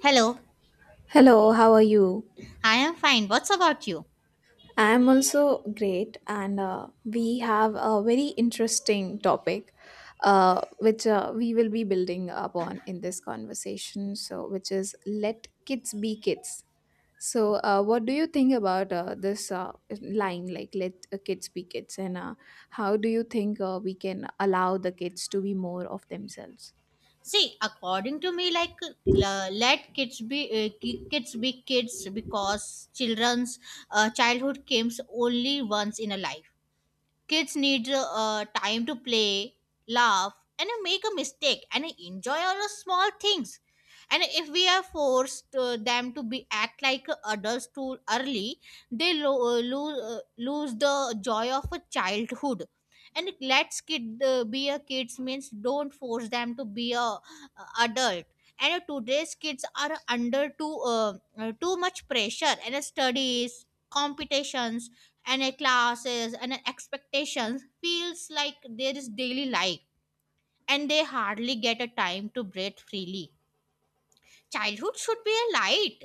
Hello, Hello, how are you? I am fine. What's about you? I am also great, and we have a very interesting topic which we will be building upon in this conversation. So, which is let kids be kids. So, what do you think about this line, like let kids be kids, and how do you think we can allow the kids to be more of themselves? See, according to me, like let kids be kids because children's childhood comes only once in a life. Kids need time to play, laugh, and make a mistake and enjoy all the small things. And if we are forced them to be act like adults too early, they lose the joy of a childhood. And let's kid be a kids means don't force them to be a adult, and today's kids are under too much pressure and studies competitions and a classes and a expectations feels like there is daily life, and they hardly get a time to breathe freely. Childhood should be a light,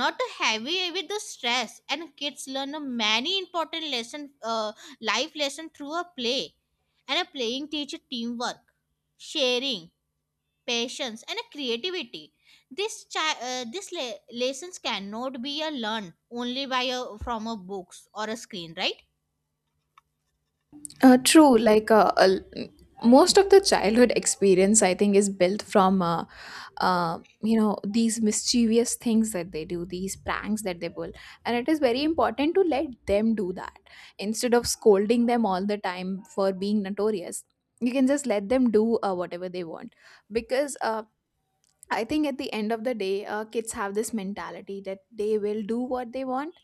not a heavy with the stress. And kids learn a many important lesson, life lesson through a play, and a playing teacher teamwork, sharing, patience, and a creativity. This lessons cannot be a learned only by a from a books or a screen, right? True. Most of the childhood experience, I think, is built from you know these mischievous things that they do, these pranks that they pull, and it is very important to let them do that instead of scolding them all the time for being notorious. You can just let them do whatever they want because I think at the end of the day, kids have this mentality that they will do what they want,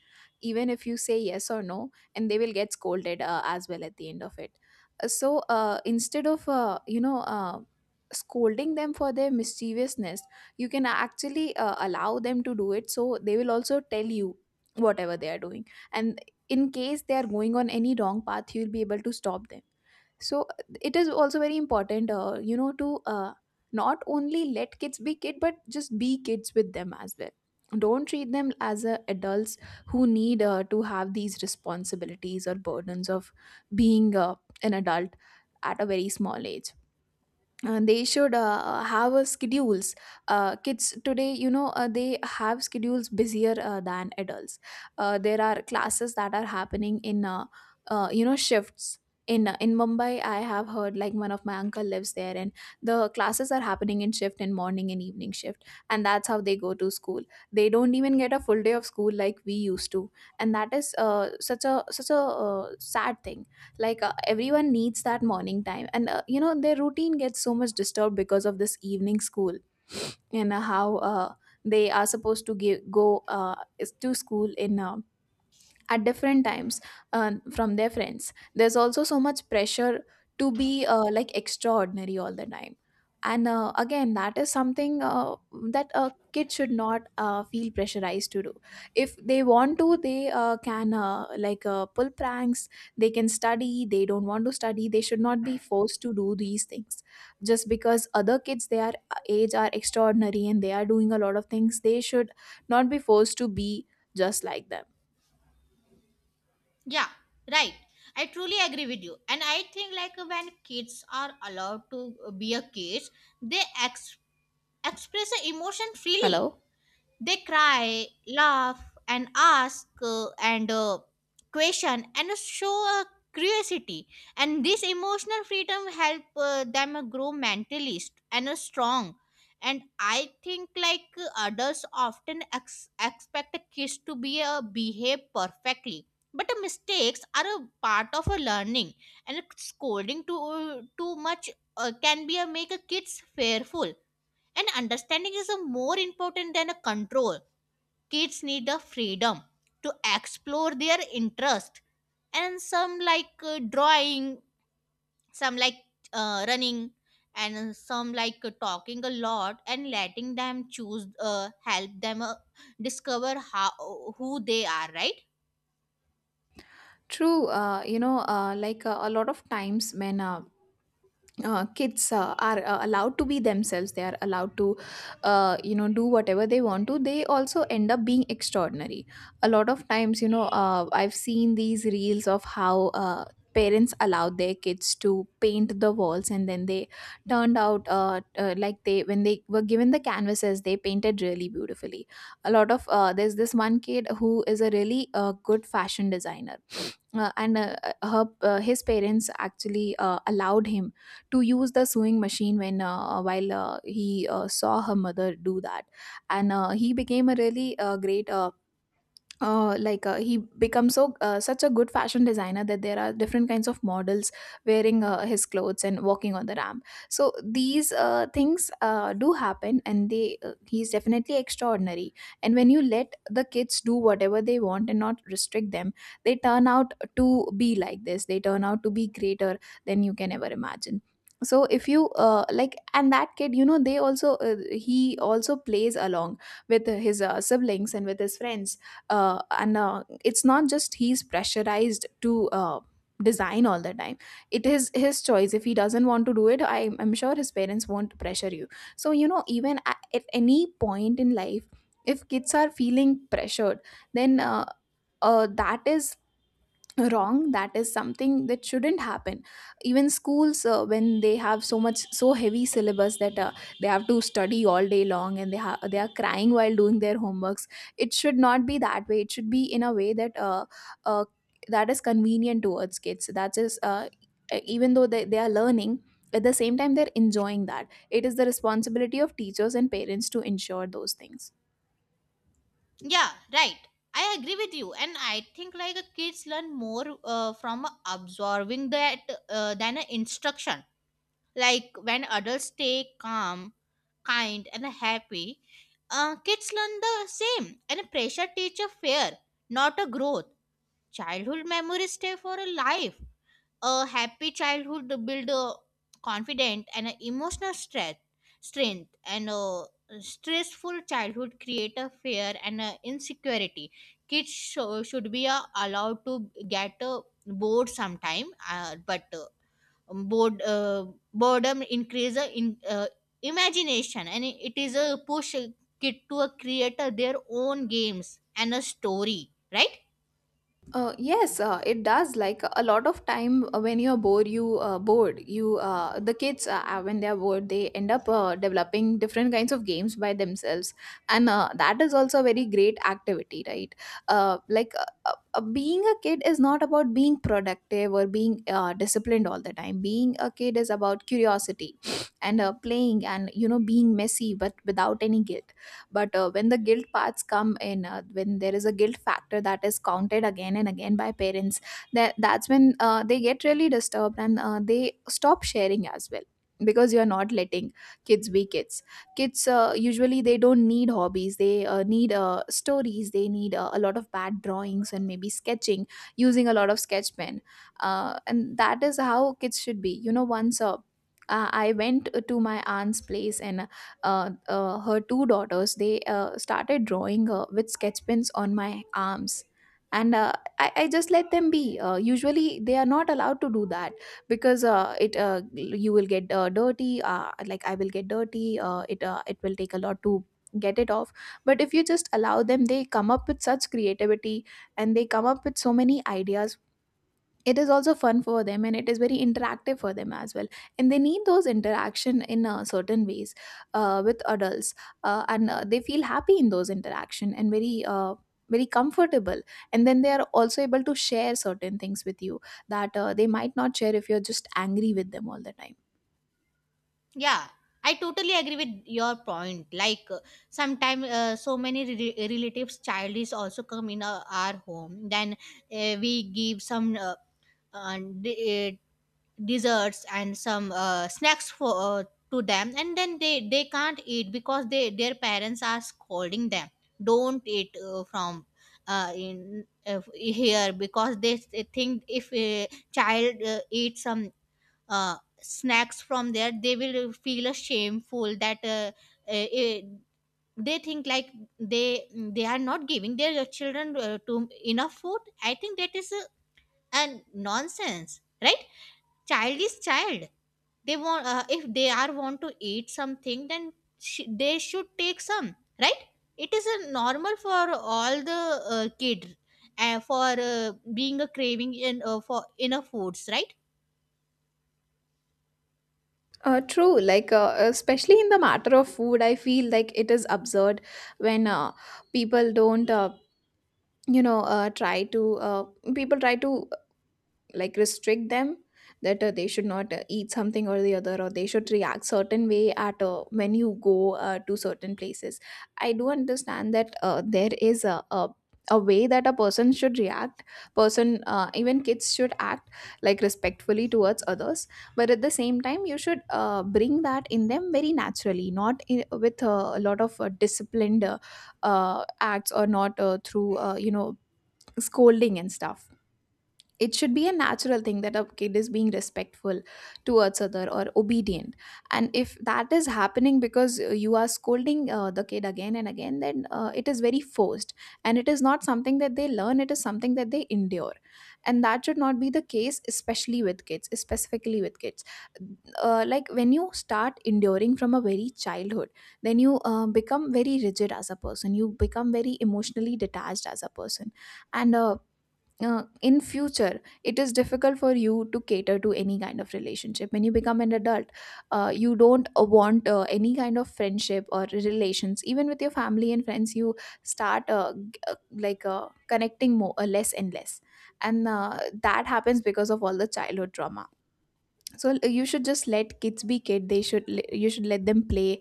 even if you say yes or no, and they will get scolded as well at the end of it. So instead of you know scolding them for their mischievousness, you can actually allow them to do it. So they will also tell you whatever they are doing, and in case they are going on any wrong path, you will be able to stop them, so it is also very important, you know, to not only let kids be kid but just be kids with them as well. Don't treat them as adults who need to have these responsibilities or burdens of being an adult at a very small age. They should have a schedules. Kids today, you know, they have schedules busier than adults. There are classes that are happening in you know shifts in Mumbai. I have heard, like, one of my uncle lives there and the classes are happening in shift in morning and evening shift, and that's how they go to school. They don't even get a full day of school like we used to, and that is such a such a sad thing. Everyone needs that morning time and, you know, their routine gets so much disturbed because of this evening school. And how they are supposed to to school in, at different times, from their friends. There's also so much pressure to be like extraordinary all the time. And again, that is something that a kid should not feel pressurized to do. If they want to, they can, pull pranks. They can study. They don't want to study. They should not be forced to do these things just because other kids their age are extraordinary and they are doing a lot of things. They should not be forced to be just like them. Yeah, right. I truly agree with you. And I think like when kids are allowed to be a kids, they express their emotion freely. Hello. They cry, laugh, and ask and question and show a curiosity. And this emotional freedom help them grow mentally and strong. And I think like adults often expect a kids to be a behave perfectly, but mistakes are a part of a learning. And scolding too much can be a make a kids fearful. And understanding is a more important than a control. Kids need the freedom to explore their interest. And some like drawing, some like running, and some like talking a lot, and letting them choose help them discover how who they are, right? True, you know, like a lot of times when, kids are allowed to be themselves, they are allowed to, you know, do whatever they want to, they also end up being extraordinary. A lot of times, you know, I've seen these reels of how. Parents allowed their kids to paint the walls and then they turned out, like they, when they were given the canvases, they painted really beautifully. A lot of there's this one kid who is a really good fashion designer. And Her, his parents actually allowed him to use the sewing machine when, while he saw her mother do that, and he became a really great like he becomes so, such a good fashion designer that there are different kinds of models wearing his clothes and walking on the ramp. So these things do happen and they he's definitely extraordinary. And when you let the kids do whatever they want and not restrict them, they turn out to be like this. They turn out to be greater than you can ever imagine. So if you, like, and that kid, you know, they also he also plays along with his siblings and with his friends. And It's not just he's pressurized to design all the time. It is his choice. If he doesn't want to do it, I'm sure his parents won't pressure you. So you know, even at any point in life, if kids are feeling pressured, then that is wrong. That is something that shouldn't happen. Even schools, when they have so much, so heavy syllabus that they have to study all day long and they are crying while doing their homeworks. It should not be that way. It should be in a way that uh, that is convenient towards kids, that is, even though they are learning, at the same time they're enjoying that. It is the responsibility of teachers and parents to ensure those things. Yeah, right. I agree with you. And I think like kids learn more from absorbing that than instruction. Like when adults stay calm, kind, and happy, kids learn the same. And pressure teach a fear, not a growth. Childhood memories stay for a life. A happy childhood build a confident and a emotional strength, and a stressful childhood create a fear and a insecurity. Kids should be allowed to get bored sometime, but um, bored uh, boredom increase in imagination, and it is a push a kid to a creator their own games and a story, right? Yes, it does. Like a lot of time, when you're bored. You the kids, when they're bored, they end up developing different kinds of games by themselves, and that is also a very great activity, right? Being a kid is not about being productive or being disciplined all the time. Being a kid is about curiosity and, playing, and you know, being messy but without any guilt. But when the guilt parts come in, when there is a guilt factor that is counted again and again by parents, that's when they get really disturbed and they stop sharing as well, because you are not letting kids be kids. Kids, usually they don't need hobbies. They need stories. They need a lot of bad drawings and maybe sketching, using a lot of sketch pen. And that is how kids should be, you know. Once I went to my aunt's place and, her two daughters, they started drawing with sketch pens on my arms. And I just let them be. Usually they are not allowed to do that because it you will get dirty. Like I will get dirty, it will take a lot to get it off. But if you just allow them, they come up with such creativity, and they come up with so many ideas. It is also fun for them, and it is very interactive for them as well. And they need those interaction in certain ways, with adults. And They feel happy in those interaction and very comfortable. And then they are also able to share certain things with you that they might not share if you're just angry with them all the time. Yeah, I totally agree with your point. Like sometimes so many relatives child is also come in our home, then we give some uh, d- desserts and some snacks for to them, and then they can't eat because they their parents are scolding them, don't eat from in here, because they think if a child eats some snacks from there they will feel a shameful that uh, they think like they are not giving their children to enough food. I think that is a nonsense, right? Child is child. They want if they are want to eat something, then they should take some, right? It is a normal for all the kid for being a craving in for inner foods, right? True. Especially in the matter of food, I feel like it is absurd when people don't, you know, try to uh, people try to like restrict them, that they should not eat something or the other, or they should react certain way at, when you go to certain places. I do understand that there is a way that a person should react. Person, even kids should act like respectfully towards others. But at the same time, you should bring that in them very naturally, not in, with a lot of disciplined acts, or not through, you know, scolding and stuff. It should be a natural thing, that a kid is being respectful towards other or obedient. And if that is happening because you are scolding the kid again and again, then it is very forced. And it is not something that they learn. It is something that they endure. And that should not be the case, especially with kids, specifically with kids. Like when you start enduring from a very childhood, then you become very rigid as a person. You become very emotionally detached as a person. And In future, it is difficult for you to cater to any kind of relationship when you become an adult. You don't want any kind of friendship or relations. Even with your family and friends, you start connecting more less and less. And That happens because of all the childhood trauma. So you should just let kids be kid. You should let them play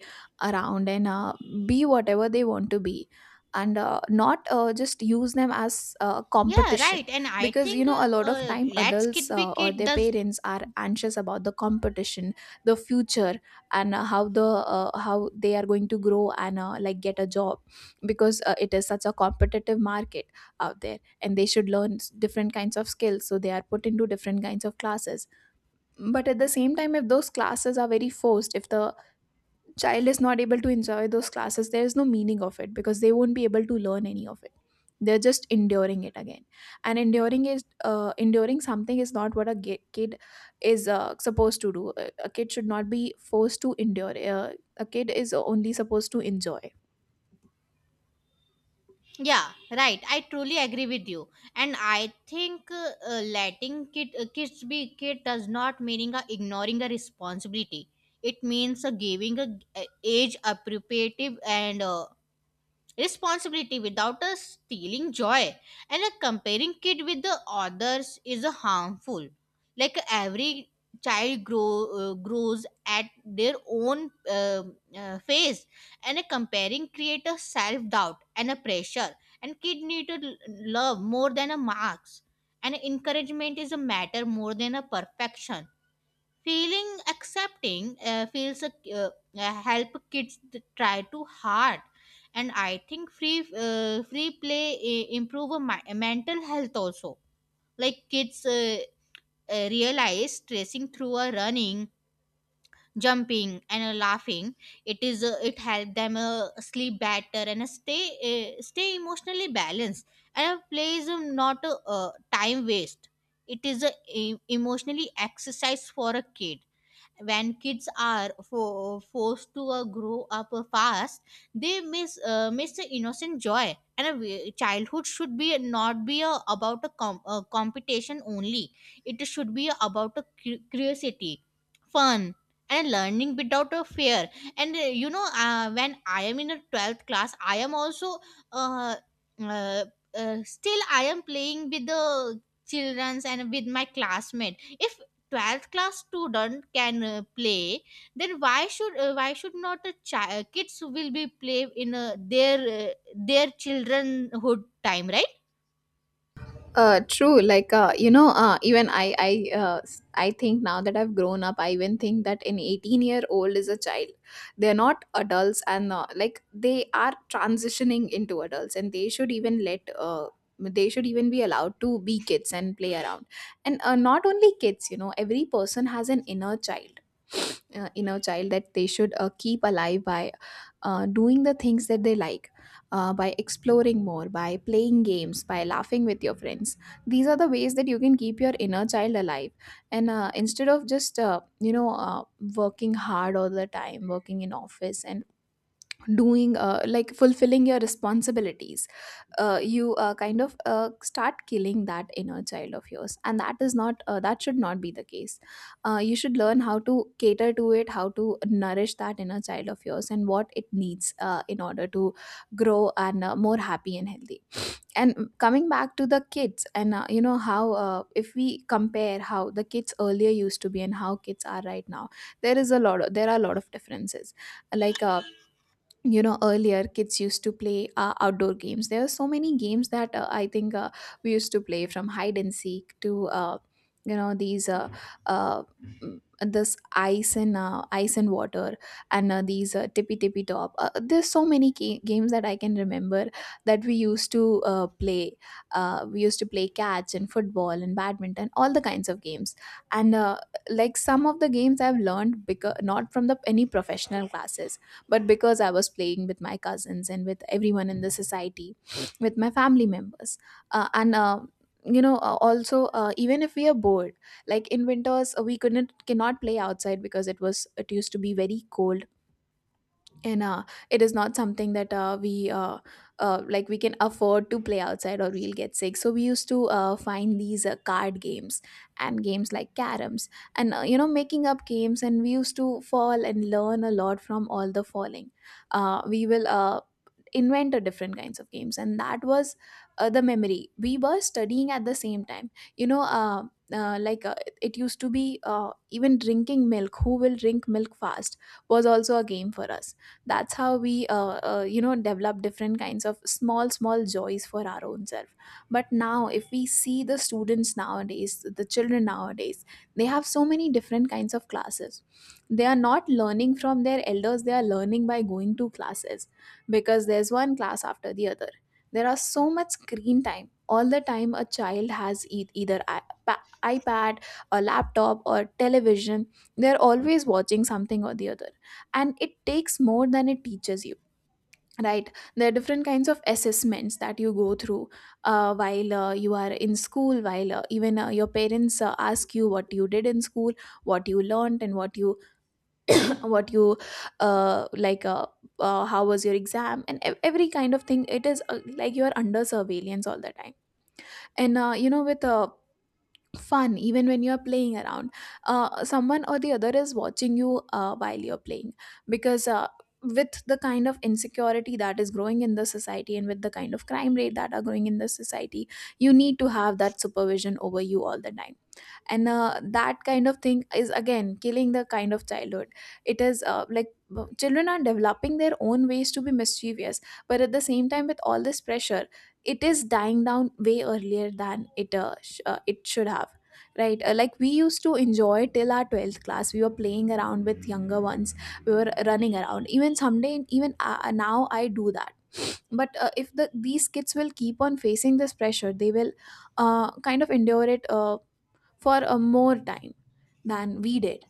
around and, be whatever they want to be. And not just use them as Yeah, competition. right. And I Because you think know, a lot of uh, time let's adults kid be or kid their does. parents are anxious about the competition, the future and how the how they are going to grow and like get a job, because it is such a competitive market out there, and they should learn different kinds of skills, so they are put into different kinds of classes. But at the same time, if those classes are very forced, if the child is not able to enjoy those classes, there is no meaning of it, because they won't be able to learn any of it. They're just enduring it again. And enduring something is not what a kid is supposed to do. A kid should not be forced to endure. A kid is only supposed to enjoy. Yeah, right. I truly agree with you. And I think letting kids be kid does not meaning ignoring a responsibility. It means giving a age appropriate and responsibility without us stealing joy. And a comparing kid with the others is a harmful. Like every child grows at their own phase. And a comparing create a self-doubt and a pressure. And kid need to love more than a marks. And encouragement is a matter more than a perfection. Feeling accepting feels a, uh, help kids to try too hard. And I think free play improve a mental health also. Like kids realize tracing through a running, jumping, and a laughing. It is it help them sleep better and stay emotionally balanced. And play is not a time waste. It is a emotionally exercise for a kid. When kids are forced to grow up fast, they miss the innocent joy. And a childhood should be not be about a a competition only. It should be about a curiosity, fun, and learning without a fear. And you know when I am in a 12th class, I am also uh, uh, still I am playing with the childrens and with my classmate. If 12th class student can play, then why should not a child kids will be play in their childrenhood time, right? True. Like, even I think now that I've grown up, I even think that an 18-year-old is a child. They're not adults, and like they are transitioning into adults, and they should even be allowed to be kids and play around. And not only kids, you know, every person has an inner child. Inner child that they should keep alive by doing the things that they like, by exploring more, by playing games, by laughing with your friends. These are the ways that you can keep your inner child alive. And instead of just working hard all the time, working in office and doing like fulfilling your responsibilities, you kind of start killing that inner child of yours, and that should not be the case. You should learn how to cater to it, how to nourish that inner child of yours and what it needs in order to grow and more happy and healthy. And coming back to the kids, and you know, how if we compare how the kids earlier used to be and how kids are right now, there is there are a lot of differences. Like, you know, earlier kids used to play outdoor games. There are so many games that I think we used to play, from hide and seek to you know these uh, uh, this ice and ice and water, and these tippy tippy top. There's so many games that I can remember that we used to play. We used to play catch and football and badminton, all the kinds of games. And like some of the games I've learned because not from the any professional classes, but because I was playing with my cousins and with everyone in the society, with my family members, and you know, also even if we are bored, like in winters, we couldn't cannot play outside because it used to be very cold. And it is not something that we like we can afford to play outside, or we'll get sick. So we used to find these card games and games like caroms. And you know, making up games, and we used to fall and learn a lot from all the falling. We will Invented different kinds of games, and that was the memory. We were studying at the same time, you know. Uh, like uh, it used to be, even drinking milk, who will drink milk fast was also a game for us. That's how we you know, develop different kinds of small small joys for our own self. But now if we see the students nowadays, the children nowadays, they have so many different kinds of classes. They are not learning from their elders, they are learning by going to classes, because there's one class after the other. There are so much screen time. All the time a child has either iPad, a laptop, or television. They're always watching something or the other. And it takes more than it teaches you, right? There are different kinds of assessments that you go through while you are in school, while even your parents ask you what you did in school, what you learned, and what you like how was your exam, and every kind of thing. It is like you are under surveillance all the time. And you know, with fun, even when you are playing around, someone or the other is watching you while you're playing. Because with the kind of insecurity that is growing in the society, and with the kind of crime rate that are growing in the society, you need to have that supervision over you all the time. And that kind of thing is again killing the kind of childhood. It is like children are developing their own ways to be mischievous, but at the same time, with all this pressure, it is dying down way earlier than it it should have, right? Like we used to enjoy till our 12th class, we were playing around with younger ones, we were running around. Even someday, even now I do that. But if these kids will keep on facing this pressure, they will kind of endure it for a more time than we did.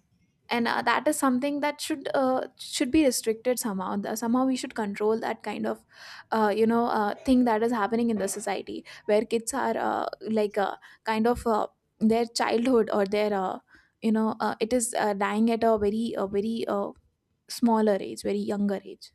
And that is something that should be restricted somehow. Somehow we should control that kind of thing that is happening in the society, where kids are, like uh, kind of uh, their childhood or their, it is dying at a very smaller age, very younger age.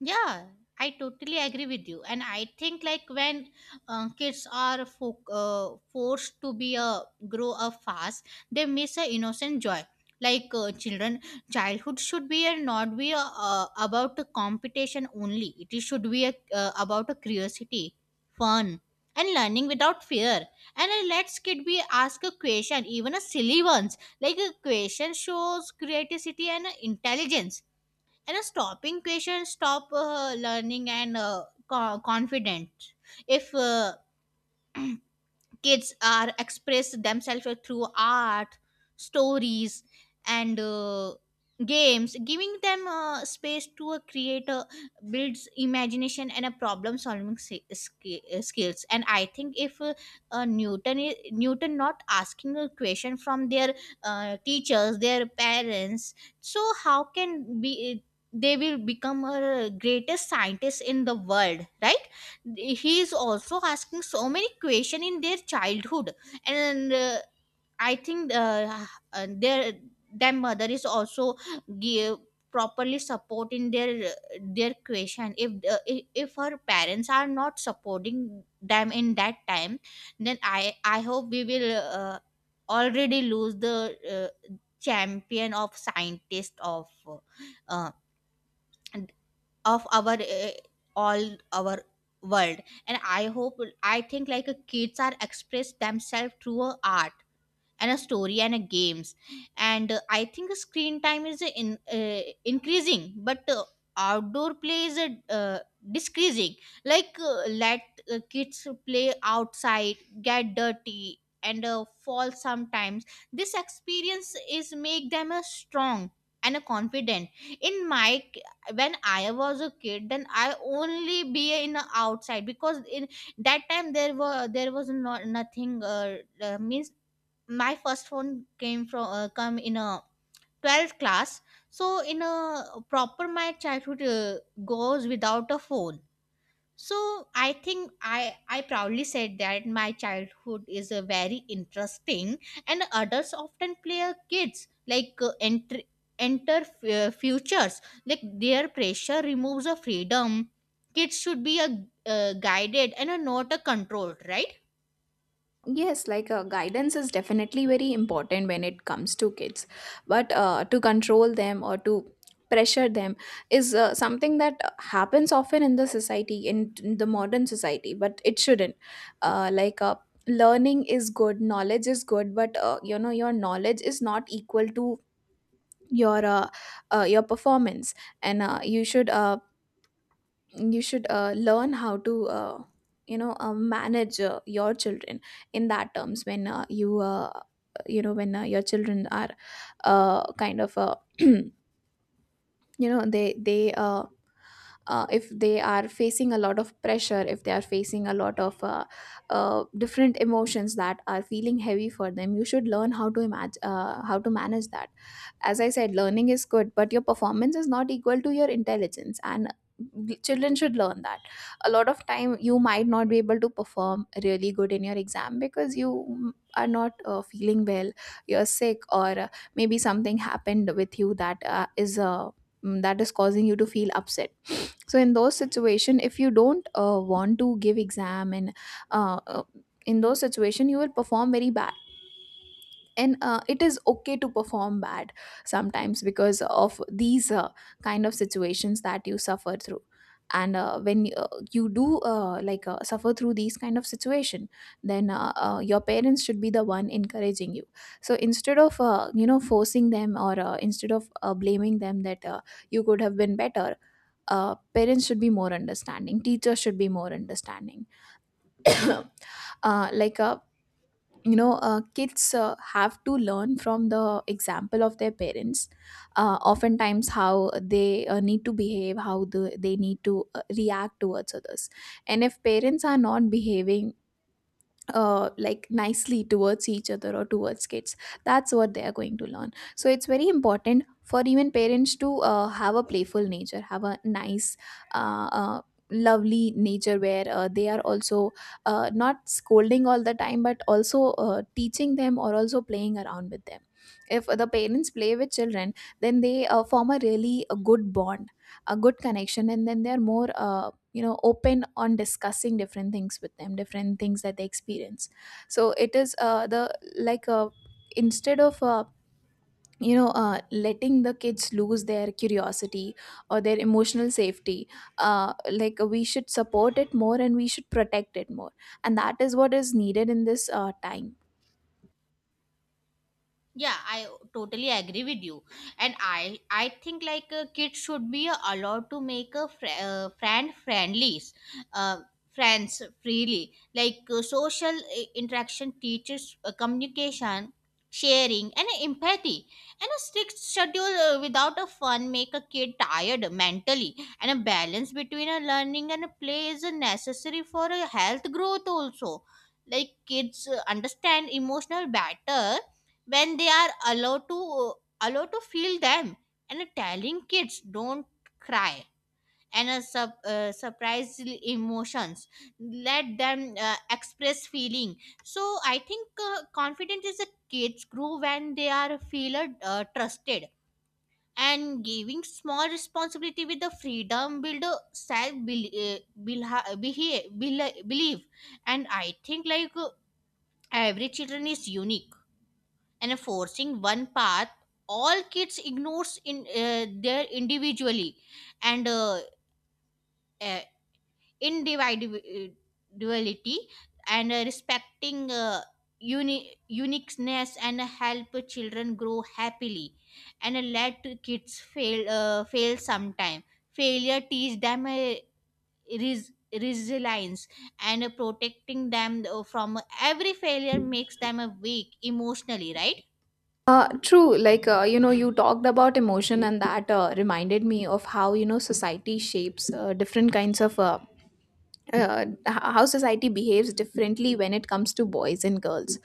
Yeah, I totally agree with you. And I think like when kids are forced to be a grow up fast, they miss a innocent joy. Like childhood should be and not be a, about a competition only. It is- should be a, about a curiosity, fun, and learning without fear. And let's kid be ask a question, even a silly ones. Like a question shows creativity and intelligence, and a stopping question stop learning and confident. If kids are express themselves through art, stories, and games, giving them space to create builds imagination and a problem solving skills. And I think if newton not asking a question from their teachers, their parents, so how can be they will become a greatest scientist in the world, right? He is also asking so many questions in their childhood. And I think uh, their their mother is also give properly support in their question. If the if if her parents are not supporting them in that time, then I hope we will already lose the champion of scientist uh, of our all our world. And I hope I think like kids are express themselves through art and a story and a games. And I think screen time is in increasing, but outdoor play is uh, decreasing. Like let kids play outside, get dirty, and fall sometimes. This experience is make them a strong and a confident. In my when I was a kid, then I only be in a outside, because in that time there were there was not nothing means my first phone came from come in a 12th class. So in a proper my childhood goes without a phone. So I think I proudly said that my childhood is a very interesting. And adults often play a kids like enter futures. Like their pressure removes a freedom. Kids should be a guided and a not a controlled, right? Yes, like guidance is definitely very important when it comes to kids, but to control them or to pressure them is something that happens often in the society, in the modern society, but it shouldn't. Like, learning is good, knowledge is good, but you know, your knowledge is not equal to your uh, your performance. And you should. You should learn how to manage your children in that terms. When you know, when your children are you know, they if they are facing a lot of pressure, if they are facing a lot of different emotions that are feeling heavy for them, you should learn how to imagine how to manage that. As I said, learning is good, but your performance is not equal to your intelligence, and children should learn that. A lot of time you might not be able to perform really good in your exam because you are not feeling well, you're sick, or maybe something happened with you that that is causing you to feel upset. So in those situation, if you don't want to give exam, and uh, uh, in those situation you will perform very badly. And it is okay to perform bad sometimes because of these kind of situations that you suffer through. And when you do like suffer through these kind of situation, then your parents should be the one encouraging you. So instead of you know, forcing them, or instead of blaming them that you could have been better, parents should be more understanding, teachers should be more understanding. uh, like uh, you know, kids have to learn from the example of their parents, oftentimes how they need to behave, how they need to react towards others. And if parents are not behaving like nicely towards each other or towards kids, that's what they are going to learn. So it's very important for even parents to have a playful nature, have a nice uh, uh, lovely nature, where they are also not scolding all the time, but also teaching them or also playing around with them. If the parents play with children, then they form a really a good bond, a good connection, and then they're more you know, open on discussing different things with them, different things that they experience. So it is the like instead of letting the kids lose their curiosity or their emotional safety, like we should support it more, and we should protect it more, and That is what is needed in this time. Yeah, I totally agree with you. And I think like kids should be allowed to make a friendly uh, friends freely. Like social interaction teaches communication, sharing, and empathy. And a strict schedule without a fun make a kid tired mentally. And a balance between a learning and a play is a necessary for a health growth also. Like kids understand emotional better when they are allowed to feel them. And telling kids don't cry and a surprise emotions, let them express feeling. So I think confidence is a kids grow when they are feel trusted, and giving small responsibility with the freedom build a self believe. And I think like every children is unique, and forcing one path all kids ignores in their individually and uh, individuality. And respecting uniqueness and help children grow happily. And let kids fail sometime. Failure teach them res- resilience, and protecting them from every failure makes them weak emotionally, right? True. Like, you talked about emotion, and that reminded me of how, you know, society shapes different kinds of uh, h- how society behaves differently when it comes to boys and girls.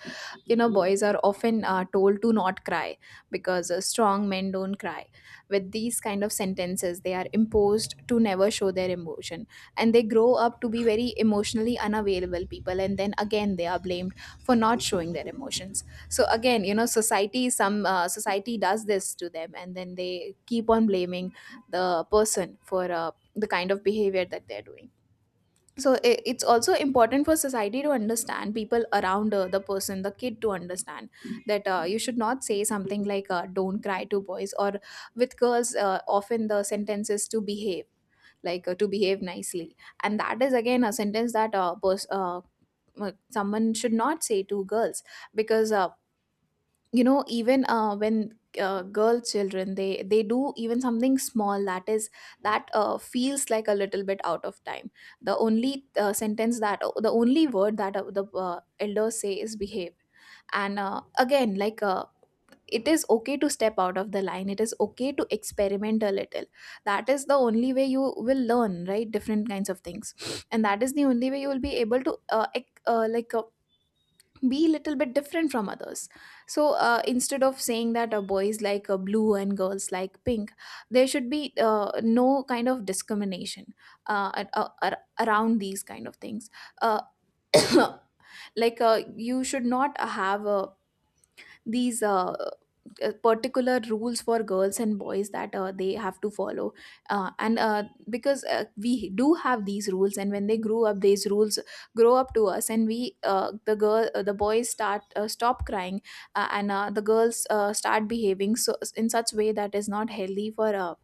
You know, boys are often told to not cry because strong men don't cry. With these kind of sentences, they are imposed to never show their emotion, and they grow up to be very emotionally unavailable people. And then again, they are blamed for not showing their emotions. So again, you know, society does this to them, and then they keep on blaming the person for the kind of behavior that they're doing. So it's also important for society to understand people around the person, the kid, to understand that you should not say something like don't cry to boys. Or with girls, often the sentence is to behave, like to behave nicely. And that is again a sentence that someone should not say to girls, because you know, even when girl children, they do even something small that is that feels like a little bit out of time, the only sentence, that the only word that the elders say is behave. And again, it is okay to step out of the line, it is okay to experiment a little. That is the only way you will learn, right? Different kinds of things. And that is the only way you will be able to be little bit different from others. So instead of saying that boys like blue and girls like pink, there should be no kind of discrimination around these kind of things. uh, like, you should not have a these particular rules for girls and boys that they have to follow. And because we do have these rules, and when they grew up, these rules grow up to us, and we the girl the boys start stop crying, and the girls start behaving so in such way that is not healthy for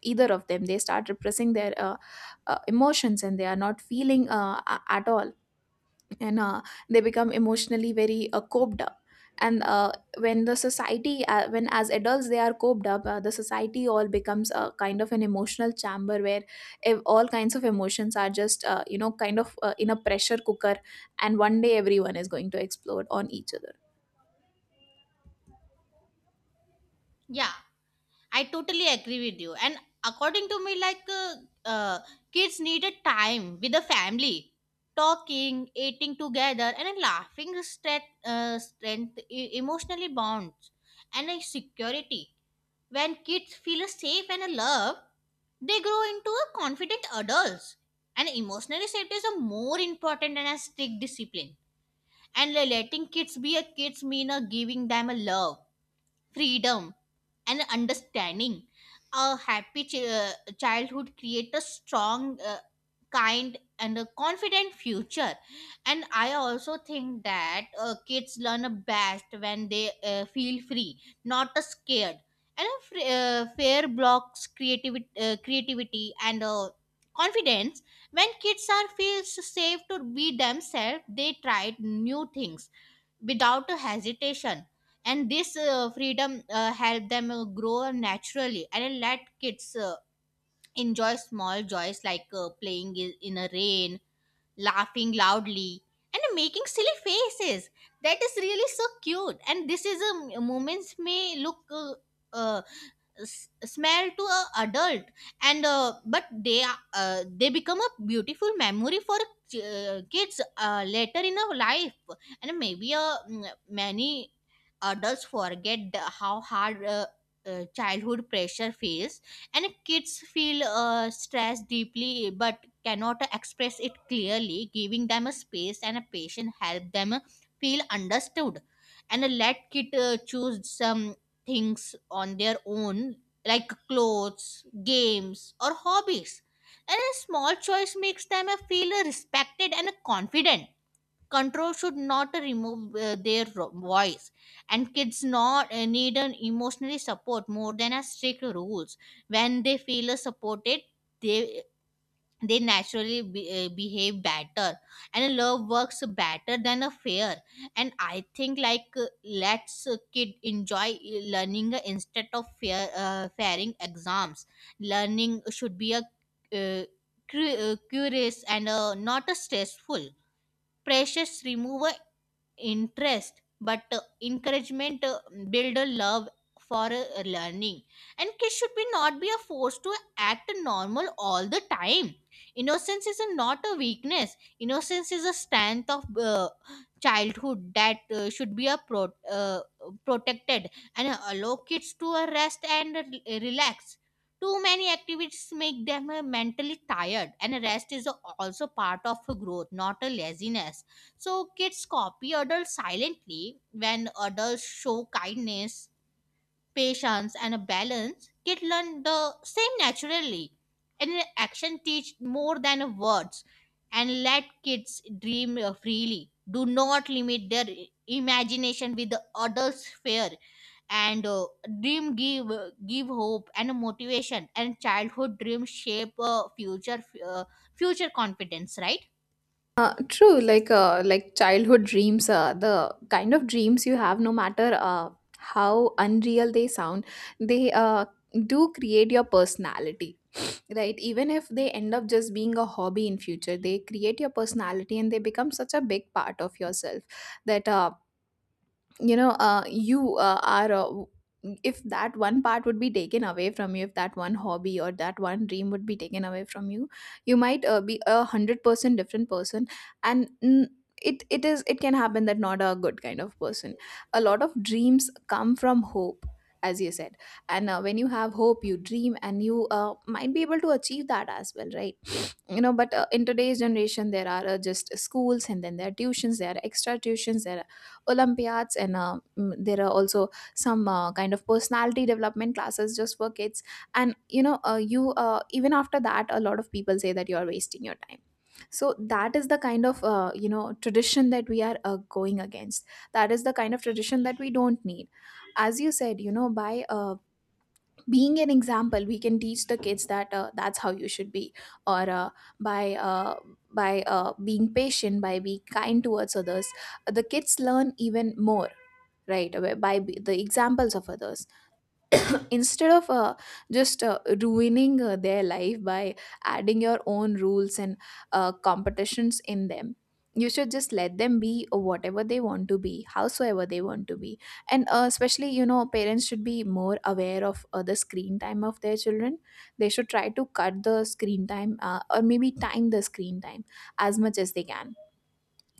either of them. They start repressing their emotions, and they are not feeling at all. And they become emotionally very coped up. And when as adults they are coped up, the society all becomes a kind of an emotional chamber where all kinds of emotions are just, you know, kind of in a pressure cooker. And one day everyone is going to explode on each other. Yeah, I totally agree with you. And according to me, like uh, kids needed time with the family, talking, eating together, and a laughing strength, strength emotionally bonds, and a security. When kids feel safe and a love, they grow into a confident adults. And emotional safety is a more important than a strict discipline. And letting kids be a kids mean a giving them a love, freedom, and understanding. A happy childhood creates a strong, kind, and a confident future. And I also think that kids learn best when they feel free, not scared. And a fair blocks creativity, creativity and confidence. When kids are feels safe to be themselves, they try new things without a hesitation, and this freedom help them grow naturally. And let kids enjoy small joys like playing in a rain, laughing loudly, and making silly faces. That is really so cute. And this is a moments may look uh, smell to a adult, and but they become a beautiful memory for kids later in a life. And maybe many adults forget the how hard childhood pressure feels, and kids feel stress deeply but cannot express it clearly. Giving them a space and a patient help them feel understood. And let kid choose some things on their own, like clothes, games, or hobbies, and a small choice makes them feel respected and confident. Control should not remove voice. And kids not need an emotionally support more than a strict rules. When they feel supported, they they naturally behave better, and love works better than a fear. And I think like let's kid enjoy learning instead of fearing exams. Learning should be a uh, curious and not a stressful precious remover interest. But encouragement build a love for learning, and kids should be not be a forced to act normal all the time. Innocence is a, not a weakness. Innocence is a strength of childhood that should be a protected, and allow kids to rest and relax. Too many activities make them mentally tired, and rest is also part of growth, not a laziness. So kids copy adults silently. When adults show kindness, patience, and a balance, kids learn the same naturally, and action teach more than words. And let kids dream freely. Do not limit their imagination with the adults' fear. And dream give hope and motivation. And childhood dreams shape uh, future confidence. Right. True. Like childhood dreams, the kind of dreams you have, no matter how unreal they sound, they do create your personality, right? Even if they end up just being a hobby in future, they create your personality and they become such a big part of yourself that you know, if that one part would be taken away from you, if that one hobby or that one dream would be taken away from you, you might be 100% different person. And it it is it can happen that not a good kind of person. A lot of dreams come from hope, as you said. And when you have hope, you dream, and you might be able to achieve that as well, right? You know, but in today's generation, there are just schools, and then there are tuitions, there are extra tuitions, there are olympiads, and there are also some kind of personality development classes just for kids. And you know, you even after that, a lot of people say that you are wasting your time. So that is the kind of you know, tradition that we are going against. That is the kind of tradition that we don't need. As you said, you know, by being an example, we can teach the kids that that's how you should be. Or by uh, by being patient, by being kind towards others, the kids learn even more, right away, by the examples of others. Instead of just ruining their life by adding your own rules and competitions in them, you should just let them be whatever they want to be, howsoever they want to be. And especially, you know, parents should be more aware of the screen time of their children. They should try to cut the screen time, or maybe time the screen time as much as they can,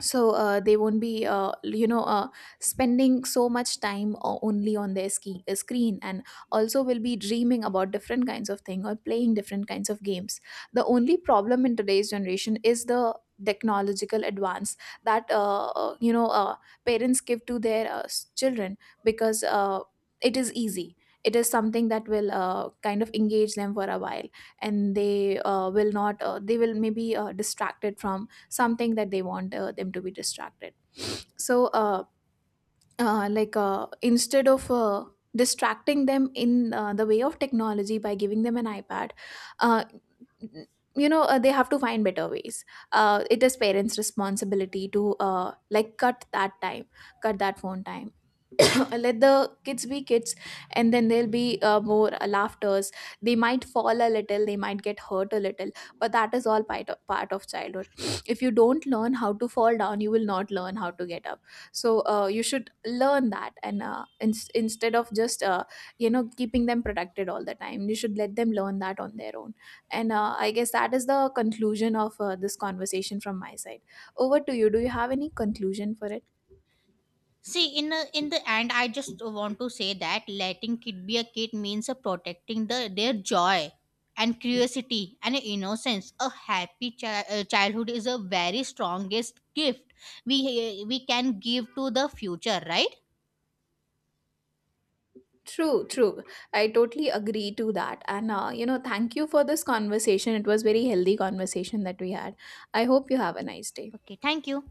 so they won't be, spending so much time only on their screen, and also will be dreaming about different kinds of thing or playing different kinds of games. The only problem in today's generation is the technological advance that you know, parents give to their children, because it is easy, it is something that will kind of engage them for a while, and they will not they will maybe distracted from something that they want them to be distracted. So instead of distracting them in the way of technology by giving them an ipad, uh, you know, they have to find better ways. It is parents responsibility to like cut that time, cut that phone time. Let the kids be kids, and then there'll be more laughters. They might fall a little, they might get hurt a little, but that is all part of childhood. If you don't learn how to fall down, you will not learn how to get up. So you should learn that. And instead of just you know, keeping them protected all the time, you should let them learn that on their own. And I guess that is the conclusion of this conversation from my side. Over to you, do you have any conclusion for it? See, in a, in the end, I just want to say that letting kid be a kid means protecting the their joy and curiosity and innocence. A happy childhood is a very strongest gift we we can give to the future, right? True, true. I totally agree to that. And, you know, thank you for this conversation. It was very healthy conversation that we had. I hope you have a nice day. Okay, thank you.